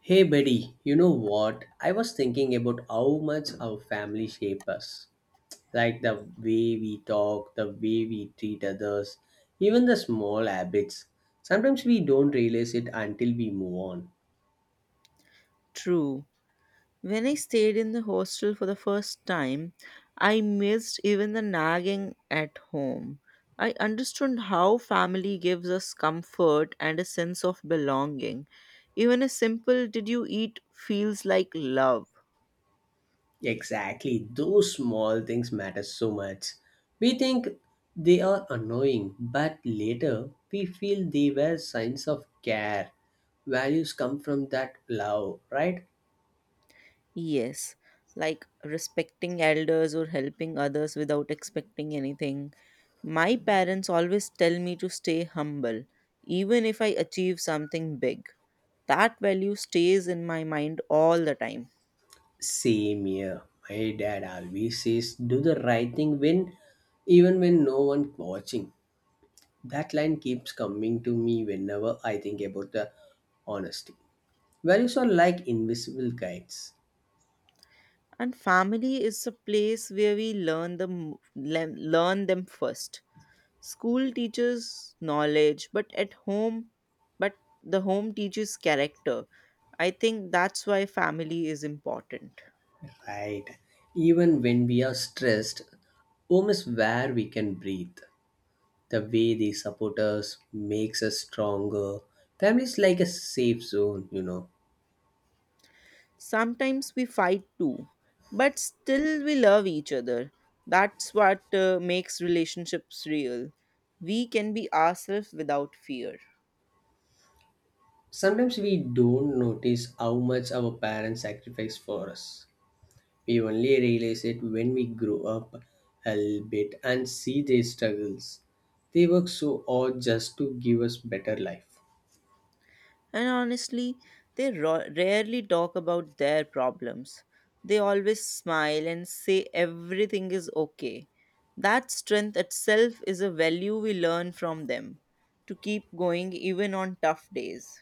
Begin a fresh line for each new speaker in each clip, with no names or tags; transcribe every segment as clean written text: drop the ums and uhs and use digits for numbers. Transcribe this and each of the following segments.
Hey, buddy, you know what? I was thinking about how much our family shape us. Like the way we talk, the way we treat others, even the small habits. Sometimes we don't realize it until we move on.
True. When I stayed in the hostel for the first time, I missed even the nagging at home. I understood how family gives us comfort and a sense of belonging. Even a simple did you eat feels like love.
Exactly, those small things matter so much. We think they are annoying, but later we feel they were signs of care. Values come from that love, right?
Yes, like respecting elders or helping others without expecting anything. My parents always tell me to stay humble, even if I achieve something big. That value stays in my mind all the time.
Same here. My dad always says, do the right thing when, even when no one watching. That line keeps coming to me whenever I think about the honesty. Values are like invisible guides,
And family is a place where we learn learn them first. School teaches knowledge, but at home, but the home teaches character. I think that's why family is important.
right? Even when we are stressed, home is where we can breathe. The way they support us makes us stronger. Family is like a safe zone, you know.
Sometimes we fight too, but still we love each other. That's what makes relationships real. We can be ourselves without fear.
Sometimes we don't notice how much our parents sacrifice for us. We only realize it when we grow up a little bit and see their struggles. They work so hard just to give us better life.
And honestly, they rarely talk about their problems. They always smile and say everything is okay. That strength itself is a value we learn from them to keep going even on tough days.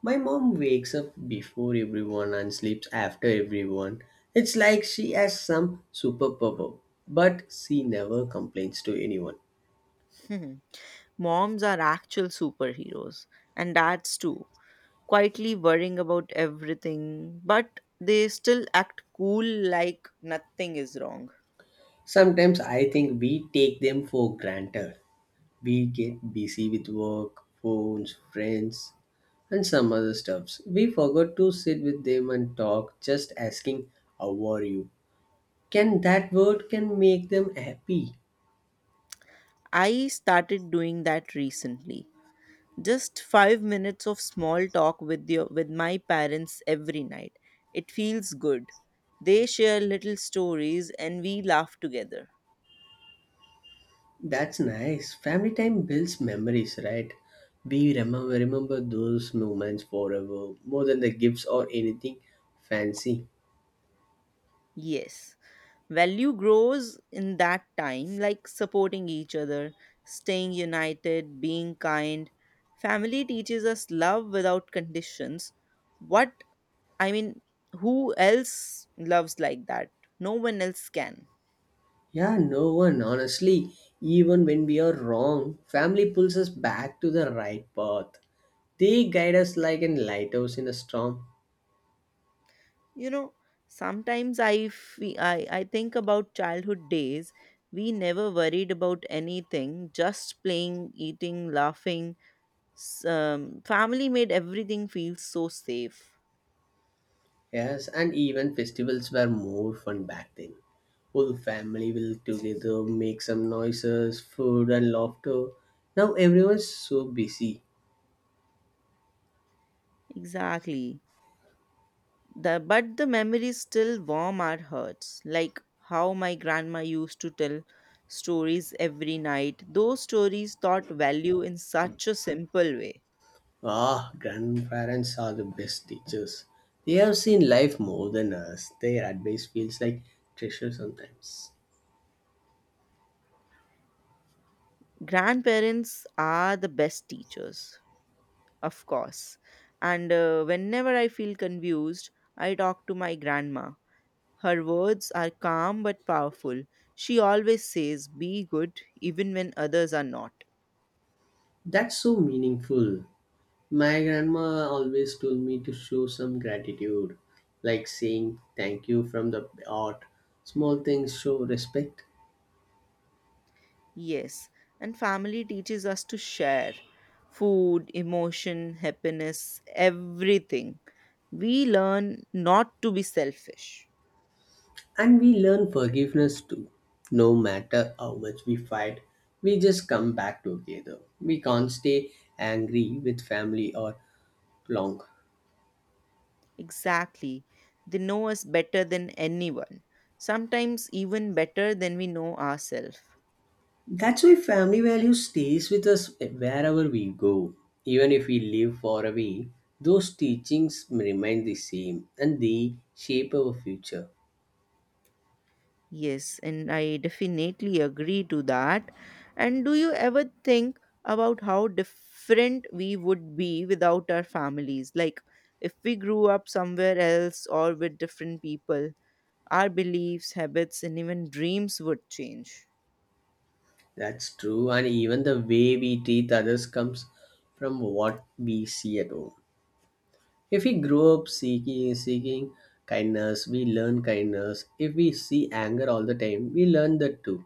My mom wakes up before everyone and sleeps after everyone. It's like she has some superpower, but she never complains to anyone.
Moms are actual superheroes, and dads too. Quietly worrying about everything, but they still act cool like nothing is wrong.
Sometimes I think we take them for granted. We get busy with work, phones, friends, and some other stuffs. We forgot to sit with them and talk, just asking, how are you? Can that word can make them happy?
I started doing that recently. Just 5 minutes of small talk with my parents every night. It feels good. They share little stories and we laugh together.
That's nice. Family time builds memories, right? We remember those moments forever, more than the gifts or anything fancy.
Yes. Value grows in that time, like supporting each other, staying united, being kind. Family teaches us love without conditions. What, I mean, who else loves like that? No one else can.
Yeah, no one, honestly. Even when we are wrong, family pulls us back to the right path. They guide us like a lighthouse in a storm.
You know, sometimes I think about childhood days. We never worried about anything, just playing, eating, laughing. Family made everything feel so safe.
Yes, and even festivals were more fun back then. Whole family will together make some noises, food and laughter. Now everyone's so busy.
Exactly. But the memories still warm our hearts, like how my grandma used to tell stories every night. Those stories taught value in such a simple way.
Ah, grandparents are the best teachers. They have seen life more than us. Their advice feels like treasure sometimes.
Grandparents are the best teachers, of course. And whenever I feel confused, I talk to my grandma. Her words are calm but powerful. She always says, Be good, even when others are not.
That's so meaningful. My grandma always told me to show some gratitude, like saying thank you from the heart. Small things show respect.
Yes, and family teaches us to share food, emotion, happiness, everything. We learn not to be selfish.
And we learn forgiveness too. No matter how much we fight, we just come back together. We can't stay angry with family or long.
Exactly. They know us better than anyone, sometimes even better than we know ourselves.
That's why family value stays with us wherever we go. Even if we live far away, those teachings remain the same and they shape our future.
Yes, and I definitely agree to that. And do you ever think about how different we would be without our families? Like, if we grew up somewhere else or with different people, our beliefs, habits, and even dreams would change.
That's true, and even the way we treat others comes from what we see at home. If we grow up seeking kindness, we learn kindness. If we see anger all the time, we learn that too.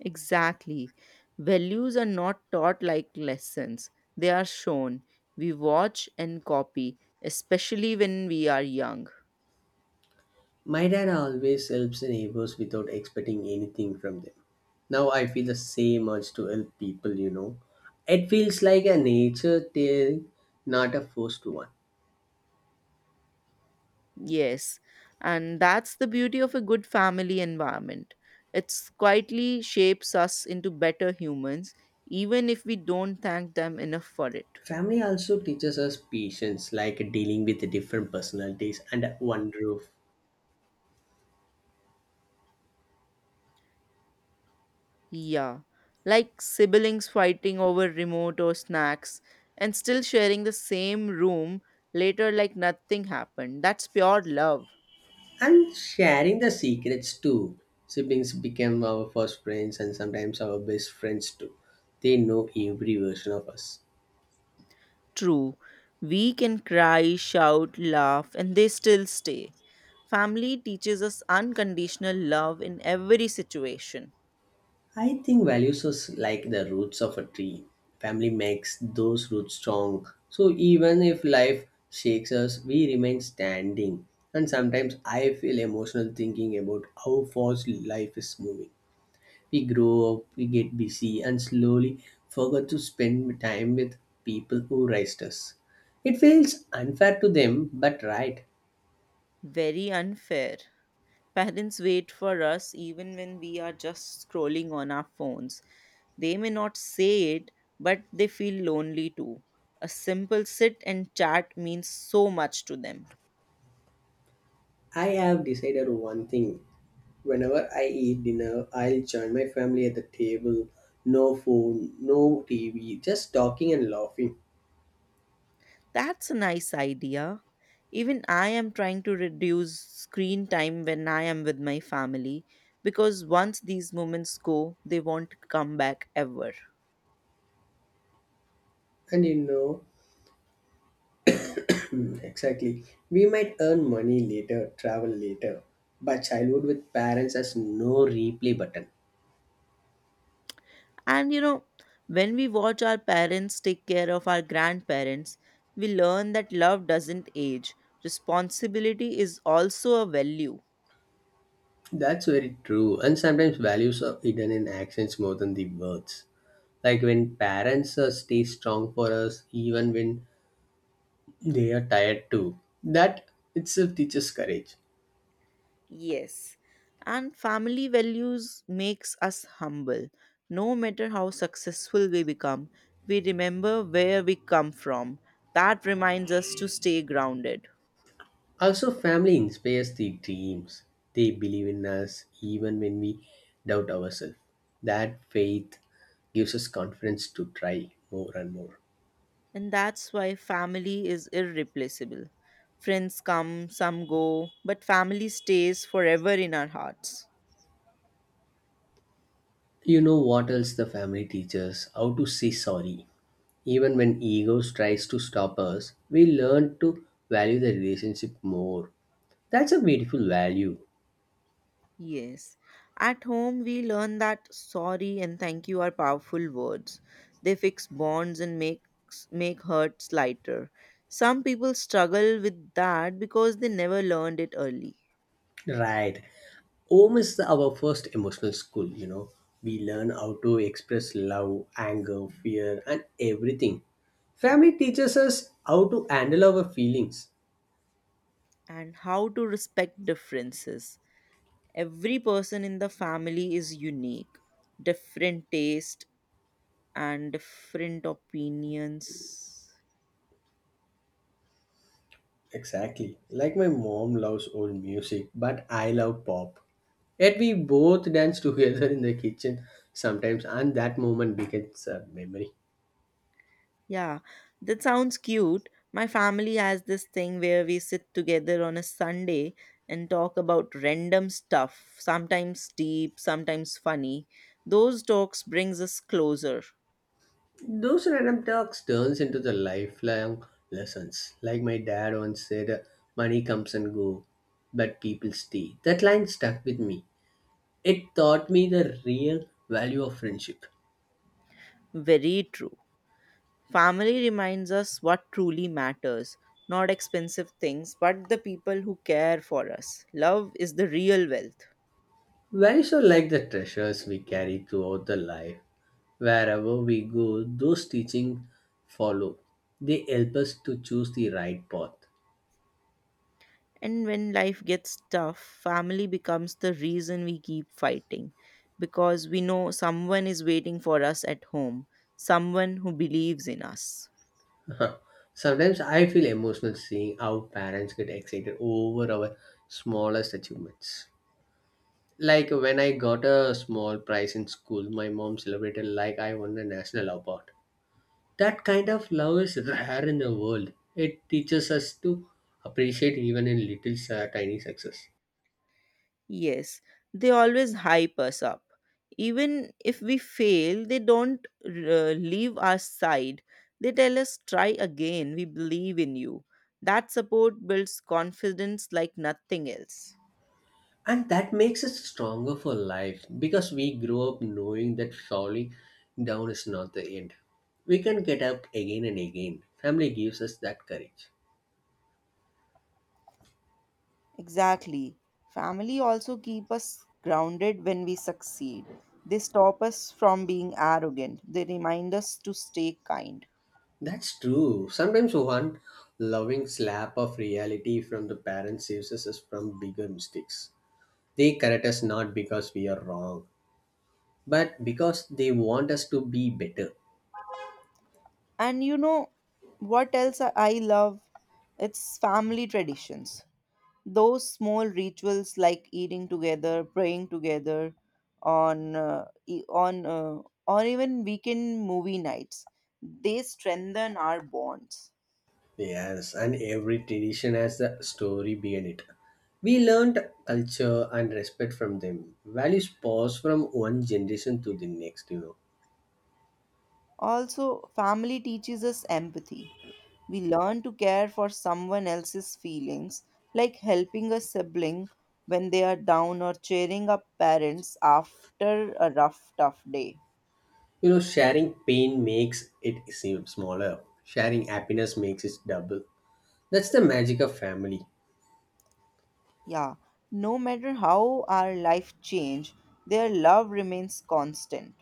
Exactly. Values are not taught like lessons, they are shown. We watch and copy, especially when we are young.
My dad always helps the neighbors without expecting anything from them. Now I feel the same urge to help people, you know. It feels like a nature tale, not a forced one.
Yes, and that's the beauty of a good family environment. It quietly shapes us into better humans, even if we don't thank them enough for it.
Family also teaches us patience, like dealing with different personalities under one roof.
Yeah, like siblings fighting over remote or snacks and still sharing the same room later like nothing happened. That's pure love.
And sharing the secrets too. Siblings became our first friends and sometimes our best friends too. They know every version of us.
True, we can cry, shout, laugh, and they still stay. Family teaches us unconditional love in every situation.
I think values are like the roots of a tree. Family makes those roots strong. So even if life shakes us, we remain standing. And sometimes I feel emotional thinking about how fast life is moving. We grow up, we get busy, and slowly forget to spend time with people who raised us. It feels unfair to them, but right.
Very unfair. Parents wait for us even when we are just scrolling on our phones. They may not say it, but they feel lonely too. A simple sit and chat means so much to them.
I have decided one thing. Whenever I eat dinner, I'll join my family at the table. No phone, no TV, just talking and laughing.
That's a nice idea. Even I am trying to reduce screen time when I am with my family because once these moments go, they won't come back ever.
And you know, hmm, exactly, we might earn money later, travel later, but childhood with parents has no replay button.
And you know, when we watch our parents take care of our grandparents, we learn that love doesn't age. Responsibility is also a value.
That's very true. And sometimes values are hidden in actions more than the words. Like when parents stay strong for us, even when they are tired too. That itself teaches courage.
Yes. And family values makes us humble. No matter how successful we become, we remember where we come from. That reminds us to stay grounded.
Also, family inspires the dreams. They believe in us even when we doubt ourselves. That faith gives us confidence to try more and more.
And that's why family is irreplaceable. Friends come, some go, but family stays forever in our hearts.
You know what else the family teaches? How to say sorry. Even when egos tries to stop us, we learn to value the relationship more. That's a beautiful value.
Yes. At home, we learn that sorry and thank you are powerful words. They fix bonds and make hurts lighter. Some people struggle with that because they never learned it early.
Right. Home is our first emotional school, you know. We learn how to express love, anger, fear, and everything. Family teaches us how to handle our feelings.
And how to respect differences. Every person in the family is unique, different taste and different opinions.
Exactly. Like my mom loves old music, but I love pop. Yet we both dance together in the kitchen sometimes, and that moment becomes a memory.
Yeah, that sounds cute. My family has this thing where we sit together on a Sunday and talk about random stuff, sometimes deep, sometimes funny. Those talks brings us closer.
Those random talks turns into the lifelong lessons. Like my dad once said, "Money comes and go, but people stay." That line stuck with me. It taught me the real value of friendship.
Very true. Family reminds us what truly matters, not expensive things, but the people who care for us. Love is the real wealth.
Very so like the treasures we carry throughout the life. Wherever we go, those teachings follow. They help us to choose the right path.
And when life gets tough, family becomes the reason we keep fighting because we know someone is waiting for us at home, someone who believes in us.
Sometimes I feel emotional seeing how parents get excited over our smallest achievements. Like when I got a small prize in school, my mom celebrated like I won a national award. That kind of love is rare in the world. It teaches us to appreciate even in little tiny success.
Yes, they always hype us up. Even if we fail, they don't leave our side. They tell us, try again, we believe in you. That support builds confidence like nothing else.
And that makes us stronger for life, because we grow up knowing that falling down is not the end. We can get up again and again. Family gives us that courage.
Exactly. Family also keep us grounded when we succeed. They stop us from being arrogant. They remind us to stay kind.
That's true. Sometimes one loving slap of reality from the parents saves us from bigger mistakes. They correct us not because we are wrong, but because they want us to be better.
And you know what else I love? It's family traditions. Those small rituals like eating together, praying together on or even weekend movie nights. They strengthen our bonds.
Yes, and every tradition has a story behind it. We learned culture and respect from them. Values pass from one generation to the next, you know.
Also, family teaches us empathy. We learn to care for someone else's feelings, like helping a sibling when they are down or cheering up parents after a rough, tough day.
You know, sharing pain makes it seem smaller. Sharing happiness makes it double. That's the magic of family.
Yeah, no matter how our life change, their love remains constant,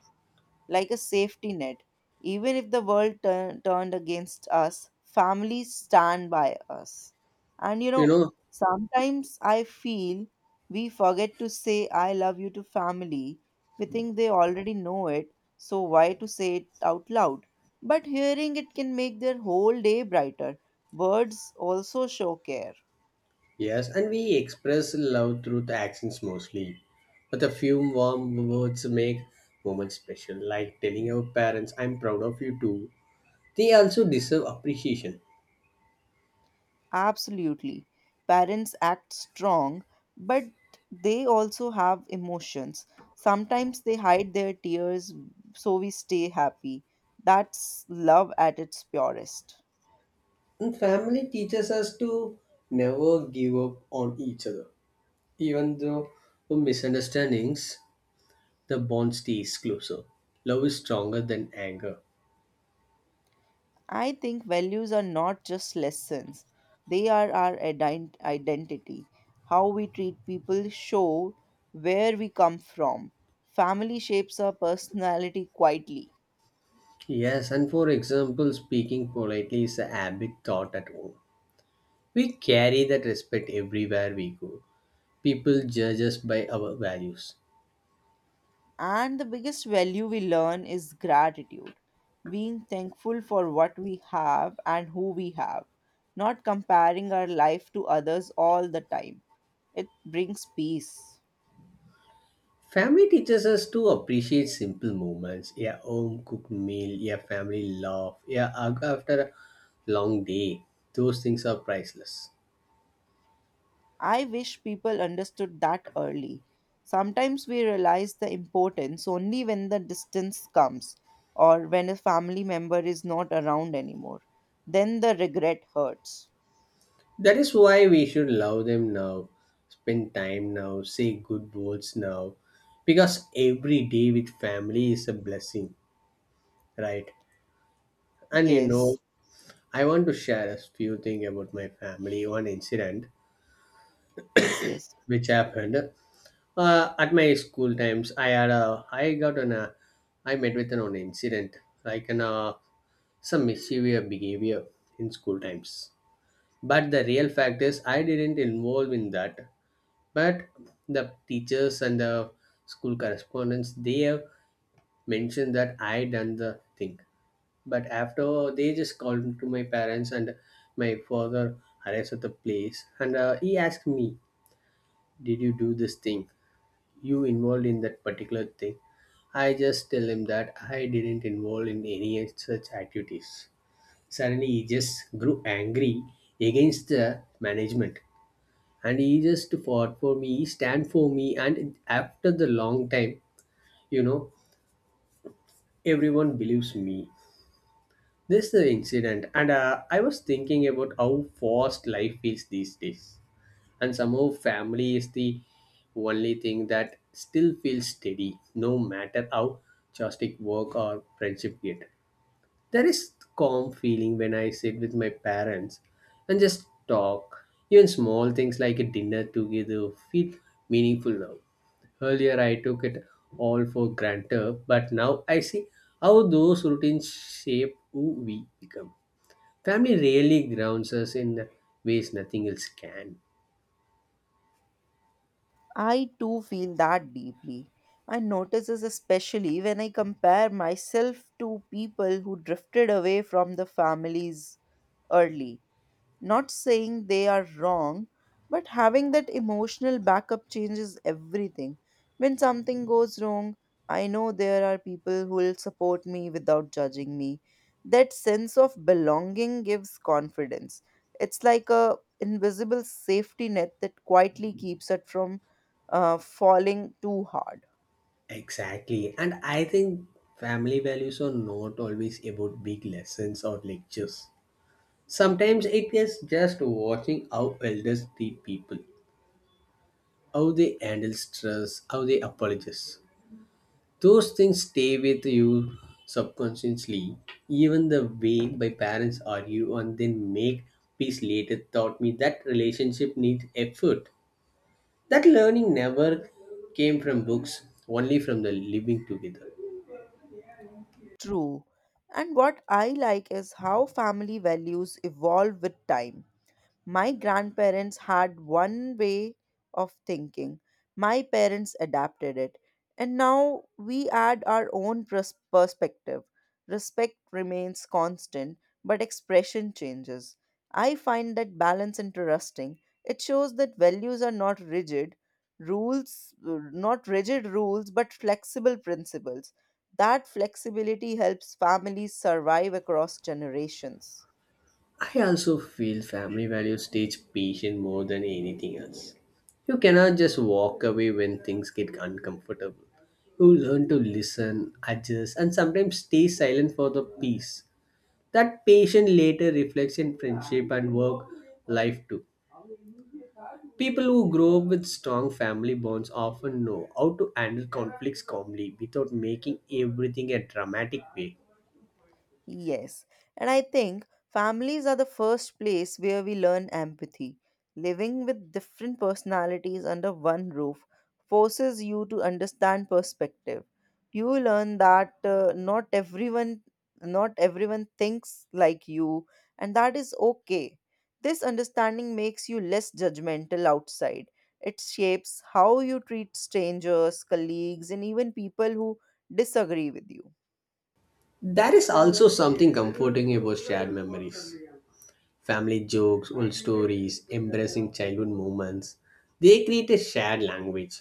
like a safety net. Even if the world turned against us, families stand by us. And you
You
know,
know?
sometimes I feel we forget to say I love you to family. We think they already know it, so why to say it out loud? But hearing it can make their whole day brighter. Words also show care.
Yes, and we express love through the actions mostly. But a few warm words make moments special, like telling our parents, I'm proud of you too. They also deserve appreciation.
Absolutely. Parents act strong, but they also have emotions. Sometimes they hide their tears so we stay happy. That's love at its purest.
And family teaches us to never give up on each other. Even though the misunderstandings, the bond stays closer. Love is stronger than anger.
I think values are not just lessons, they are our identity. How we treat people show where we come from. Family shapes our personality quietly.
Yes, and for example, speaking politely is a habit taught at home. We carry that respect everywhere we go. People judge us by our values.
And the biggest value we learn is gratitude, being thankful for what we have and who we have, not comparing our life to others all the time. It brings peace.
Family teaches us to appreciate simple moments, a home cooked meal, a family laugh, a hug after a long day. Those things are priceless.
I wish people understood that early. Sometimes we realize the importance only when the distance comes or when a family member is not around anymore. Then the regret hurts.
That is why we should love them now, spend time now, say good words now, because every day with family is a blessing, right? And you know,
Yes,
I want to share a few things about my family, one incident
yes, yes.
which happened. At my school times, I had a I got an I met with an incident like an some mischievous behavior in school times. But the real fact is, I didn't involve in that. But the teachers and the school correspondents they have mentioned that I done the thing. But after they just called to my parents and my father arrives at the place and he asked me, "Did you do this thing? You involved in that particular thing?" I just tell him that I didn't involve in any such activities. Suddenly he just grew angry against the management, and he just fought for me, he stand for me, and after the long time, you know, everyone believes me. This is the incident, and I was thinking about how fast life is these days, and somehow family is the only thing that still feels steady. No matter how chaotic work or friendship get, there is calm feeling when I sit with my parents and just talk. Even small things like a dinner together feel meaningful now. Earlier I took it all for granted, but now I see how those routines shape who we become. Family really grounds us in ways nothing else can.
I too feel that deeply. I notice this especially when I compare myself to people who drifted away from the families early. Not saying they are wrong, but having that emotional backup changes everything. When something goes wrong, I know there are people who will support me without judging me. That sense of belonging gives confidence. It's like a invisible safety net that quietly keeps it from falling too hard.
Exactly. And I think family values are not always about big lessons or lectures. Sometimes it is just watching how elders treat people, how they handle stress, how they apologize. Those things stay with you subconsciously. Even the way my parents argue and then make peace later taught me that relationship needs effort. That learning never came from books, only from the living together.
True. And what I like is how family values evolve with time. My grandparents had one way of thinking, my parents adapted it, and now we add our own perspective. Respect remains constant, but expression changes. I find that balance interesting. It shows that values are not rigid rules, but flexible principles. That flexibility helps families survive across generations.
I also feel family values teach patience more than anything else. You cannot just walk away when things get uncomfortable. You learn to listen, adjust, and sometimes stay silent for the peace. That patience later reflects in friendship and work life too. People who grow up with strong family bonds often know how to handle conflicts calmly without making everything a dramatic way.
Yes, and I think families are the first place where we learn empathy. Living with different personalities under one roof forces you to understand perspective. You learn that uh, not everyone thinks like you and that is okay. This understanding makes you less judgmental outside. It shapes how you treat strangers, colleagues and even people who disagree with you.
There is also something comforting about shared memories. Family jokes, old stories, embracing childhood moments, they create a shared language.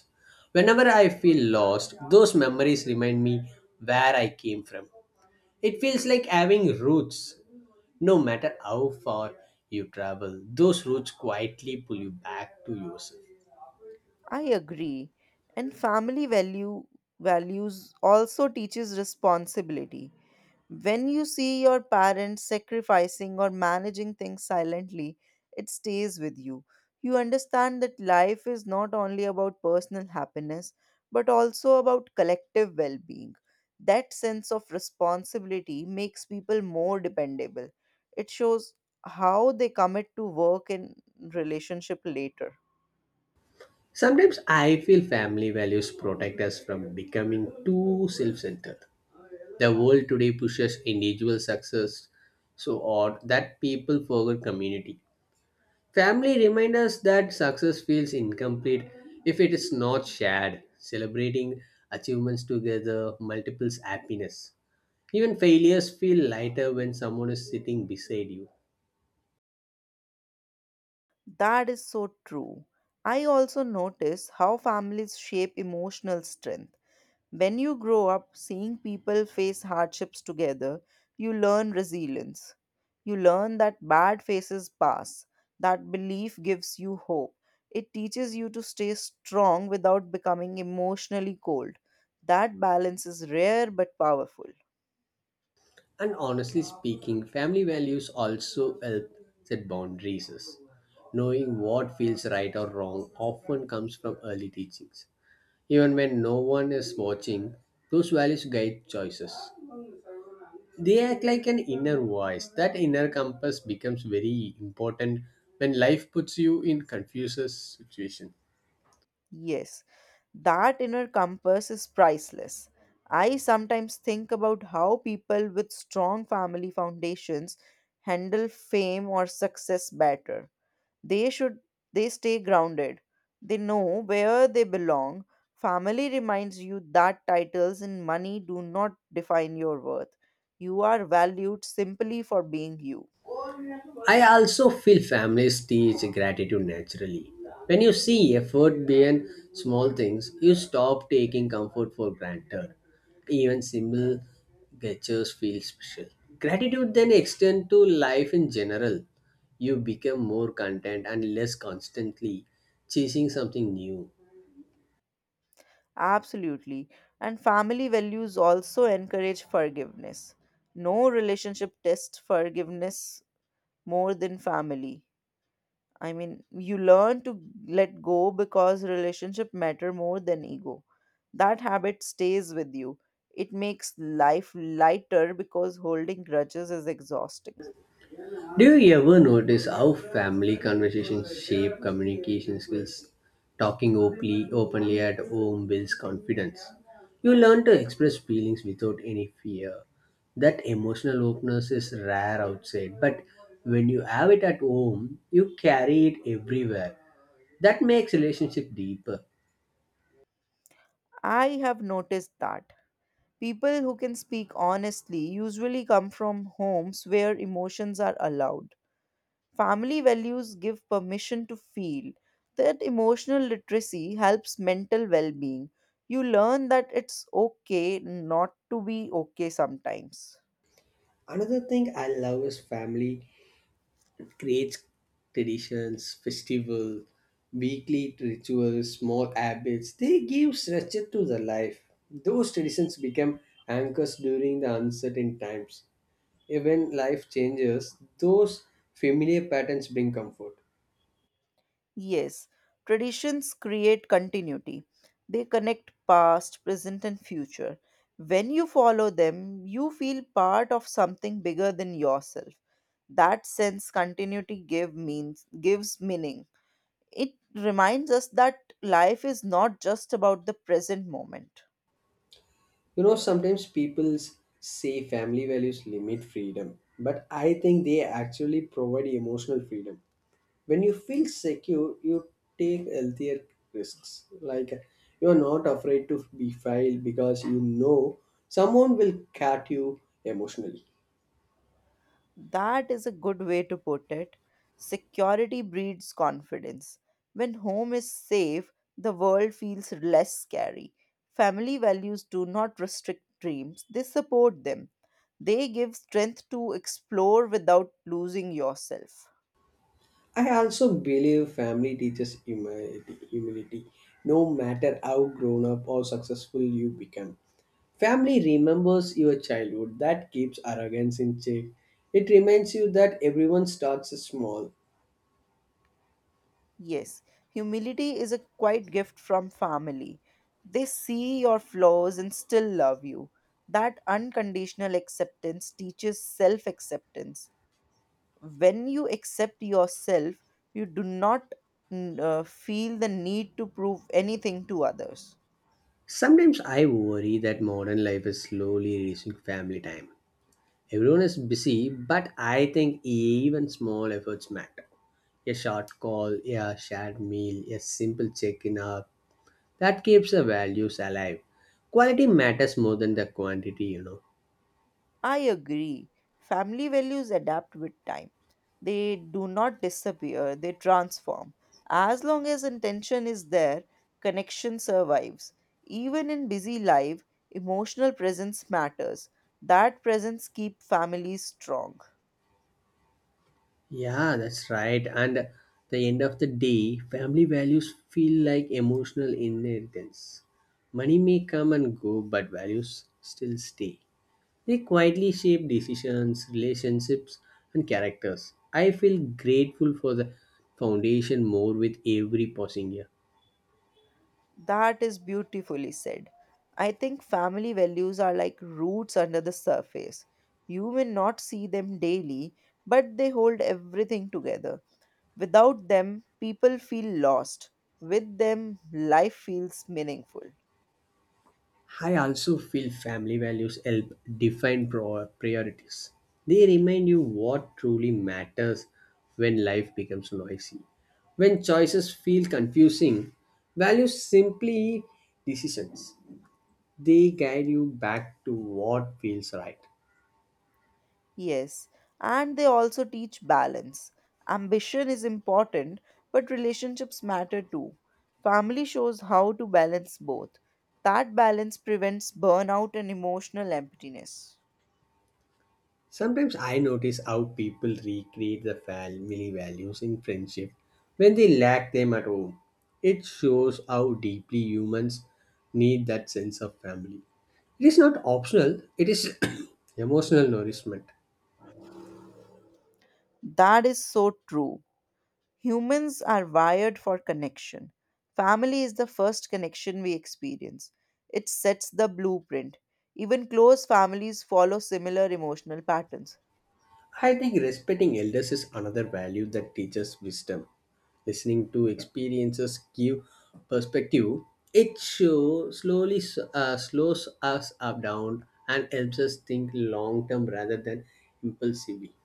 Whenever I feel lost, those memories remind me where I came from. It feels like having roots. No matter how far you travel, those roots quietly pull you back to yourself.
I agree. And family value values also teaches responsibility. When you see your parents sacrificing or managing things silently, it stays with you. You understand that life is not only about personal happiness, but also about collective well being. That sense of responsibility makes people more dependable. It shows how they commit to work and relationship later.
Sometimes I feel family values protect us from becoming too self centered. The world today pushes individual success so odd that people forget community. Family remind us that success feels incomplete if it is not shared. Celebrating achievements together multiples happiness. Even failures feel lighter when someone is sitting beside you.
That is so true. I also notice how families shape emotional strength. When you grow up seeing people face hardships together, you learn resilience. You learn that bad phases pass. That belief gives you hope. It teaches you to stay strong without becoming emotionally cold. That balance is rare but powerful.
And honestly speaking, family values also help set boundaries. Knowing what feels right or wrong often comes from early teachings. Even when no one is watching, those values guide choices. They act like an inner voice. That inner compass becomes very important when life puts you in confuses situation.
Yes, that inner compass is priceless. I sometimes think about how people with strong family foundations handle fame or success better. They should they stay grounded. They know where they belong. Family reminds you that titles and money do not define your worth. You are valued simply for being you.
I also feel families teach gratitude naturally. When you see effort behind small things, you stop taking comfort for granted. Even simple gestures feel special. Gratitude then extends to life in general. You become more content and less constantly chasing something new.
Absolutely. And family values also encourage forgiveness. No relationship tests forgiveness more than family. I mean, you learn to let go because relationship matter more than ego. That habit stays with you. It makes life lighter because holding grudges is exhausting.
Do you ever notice how family conversations shape communication skills? Talking openly, at home builds confidence. You learn to express feelings without any fear. That emotional openness is rare outside, but when you have it at home, you carry it everywhere. That makes relationship deeper.
I have noticed that people who can speak honestly usually come from homes where emotions are allowed. Family values give permission to feel. That emotional literacy helps mental well being. You learn that it's okay not to be okay sometimes.
Another thing I love is family creates traditions, festival, weekly rituals, small habits. They give structure to the life. Those traditions become anchors during the uncertain times. Even life changes, those familiar patterns bring comfort.
Yes, traditions create continuity, they connect past, present, and future. When you follow them, you feel part of something bigger than yourself. That sense continuity gives meaning. It reminds us that life is not just about the present moment.
You know, sometimes say family values limit freedom, but I think they actually provide emotional freedom. When you feel secure, you take healthier risks. Like you're not afraid to be failed because you know someone will cut you emotionally.
That is a good way to put it. Security breeds confidence. When home is safe, the world feels less scary. Family values do not restrict dreams, they support them. They give strength to explore without losing yourself.
I also believe family teaches humility. No matter how grown up or successful you become, family remembers your childhood. That keeps arrogance in check. It reminds you that everyone starts small.
Yes, humility is a quiet gift from family. They see your flaws and still love you. That unconditional acceptance teaches self acceptance. When you accept yourself, you do not feel the need to prove anything to others.
Sometimes I worry that modern life is slowly erasing family time. Everyone is busy, but I think even small efforts matter. A short call, a shared meal, a simple check-in up, that keeps the values alive. Quality matters more than the quantity, you know.
I agree. Family values adapt with time. They do not disappear, they transform. As long as intention is there, connection survives. Even in busy life, emotional presence matters. That presence keeps families strong.
Yeah, that's right. And at the end of the day, family values feel like emotional inheritance. Money may come and go, but values still stay. They quietly shape decisions, relationships, and characters. I feel grateful for the foundation more with every passing year.
That is beautifully said. I think family values are like roots under the surface. You may not see them daily, but they hold everything together. Without them, people feel lost. With them, life feels meaningful.
I also feel family values help define priorities. They remind you what truly matters when life becomes noisy. When choices feel confusing, values simply decisions. They guide you back to what feels right.
Yes, and they also teach balance. Ambition is important, but relationships matter too. Family shows how to balance both. That balance prevents burnout and emotional emptiness.
Sometimes I notice how people recreate the family values in friendship when they lack them at home. It shows how deeply humans need that sense of family. It is not optional, it is emotional nourishment.
That is so true. Humans are wired for connection. Family is the first connection we experience. It sets the blueprint. Even close families follow similar emotional patterns.
I think respecting elders is another value that teaches wisdom. Listening to experiences give perspective. It slowly slows us up down and helps us think long term rather than impulsively.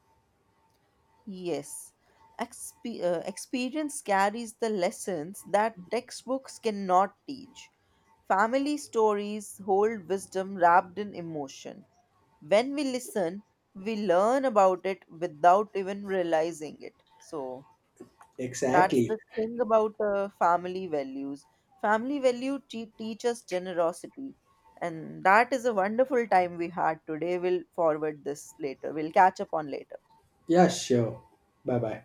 Yes, experience carries the lessons that textbooks cannot teach. Family stories hold wisdom wrapped in emotion. When we listen, we learn about it without even realizing it. So, that's
Exactly.
the thing about family values. Family value teach us generosity. And that is a wonderful time we had today. We'll forward this later. We'll catch up on later.
Yeah, sure. Bye bye.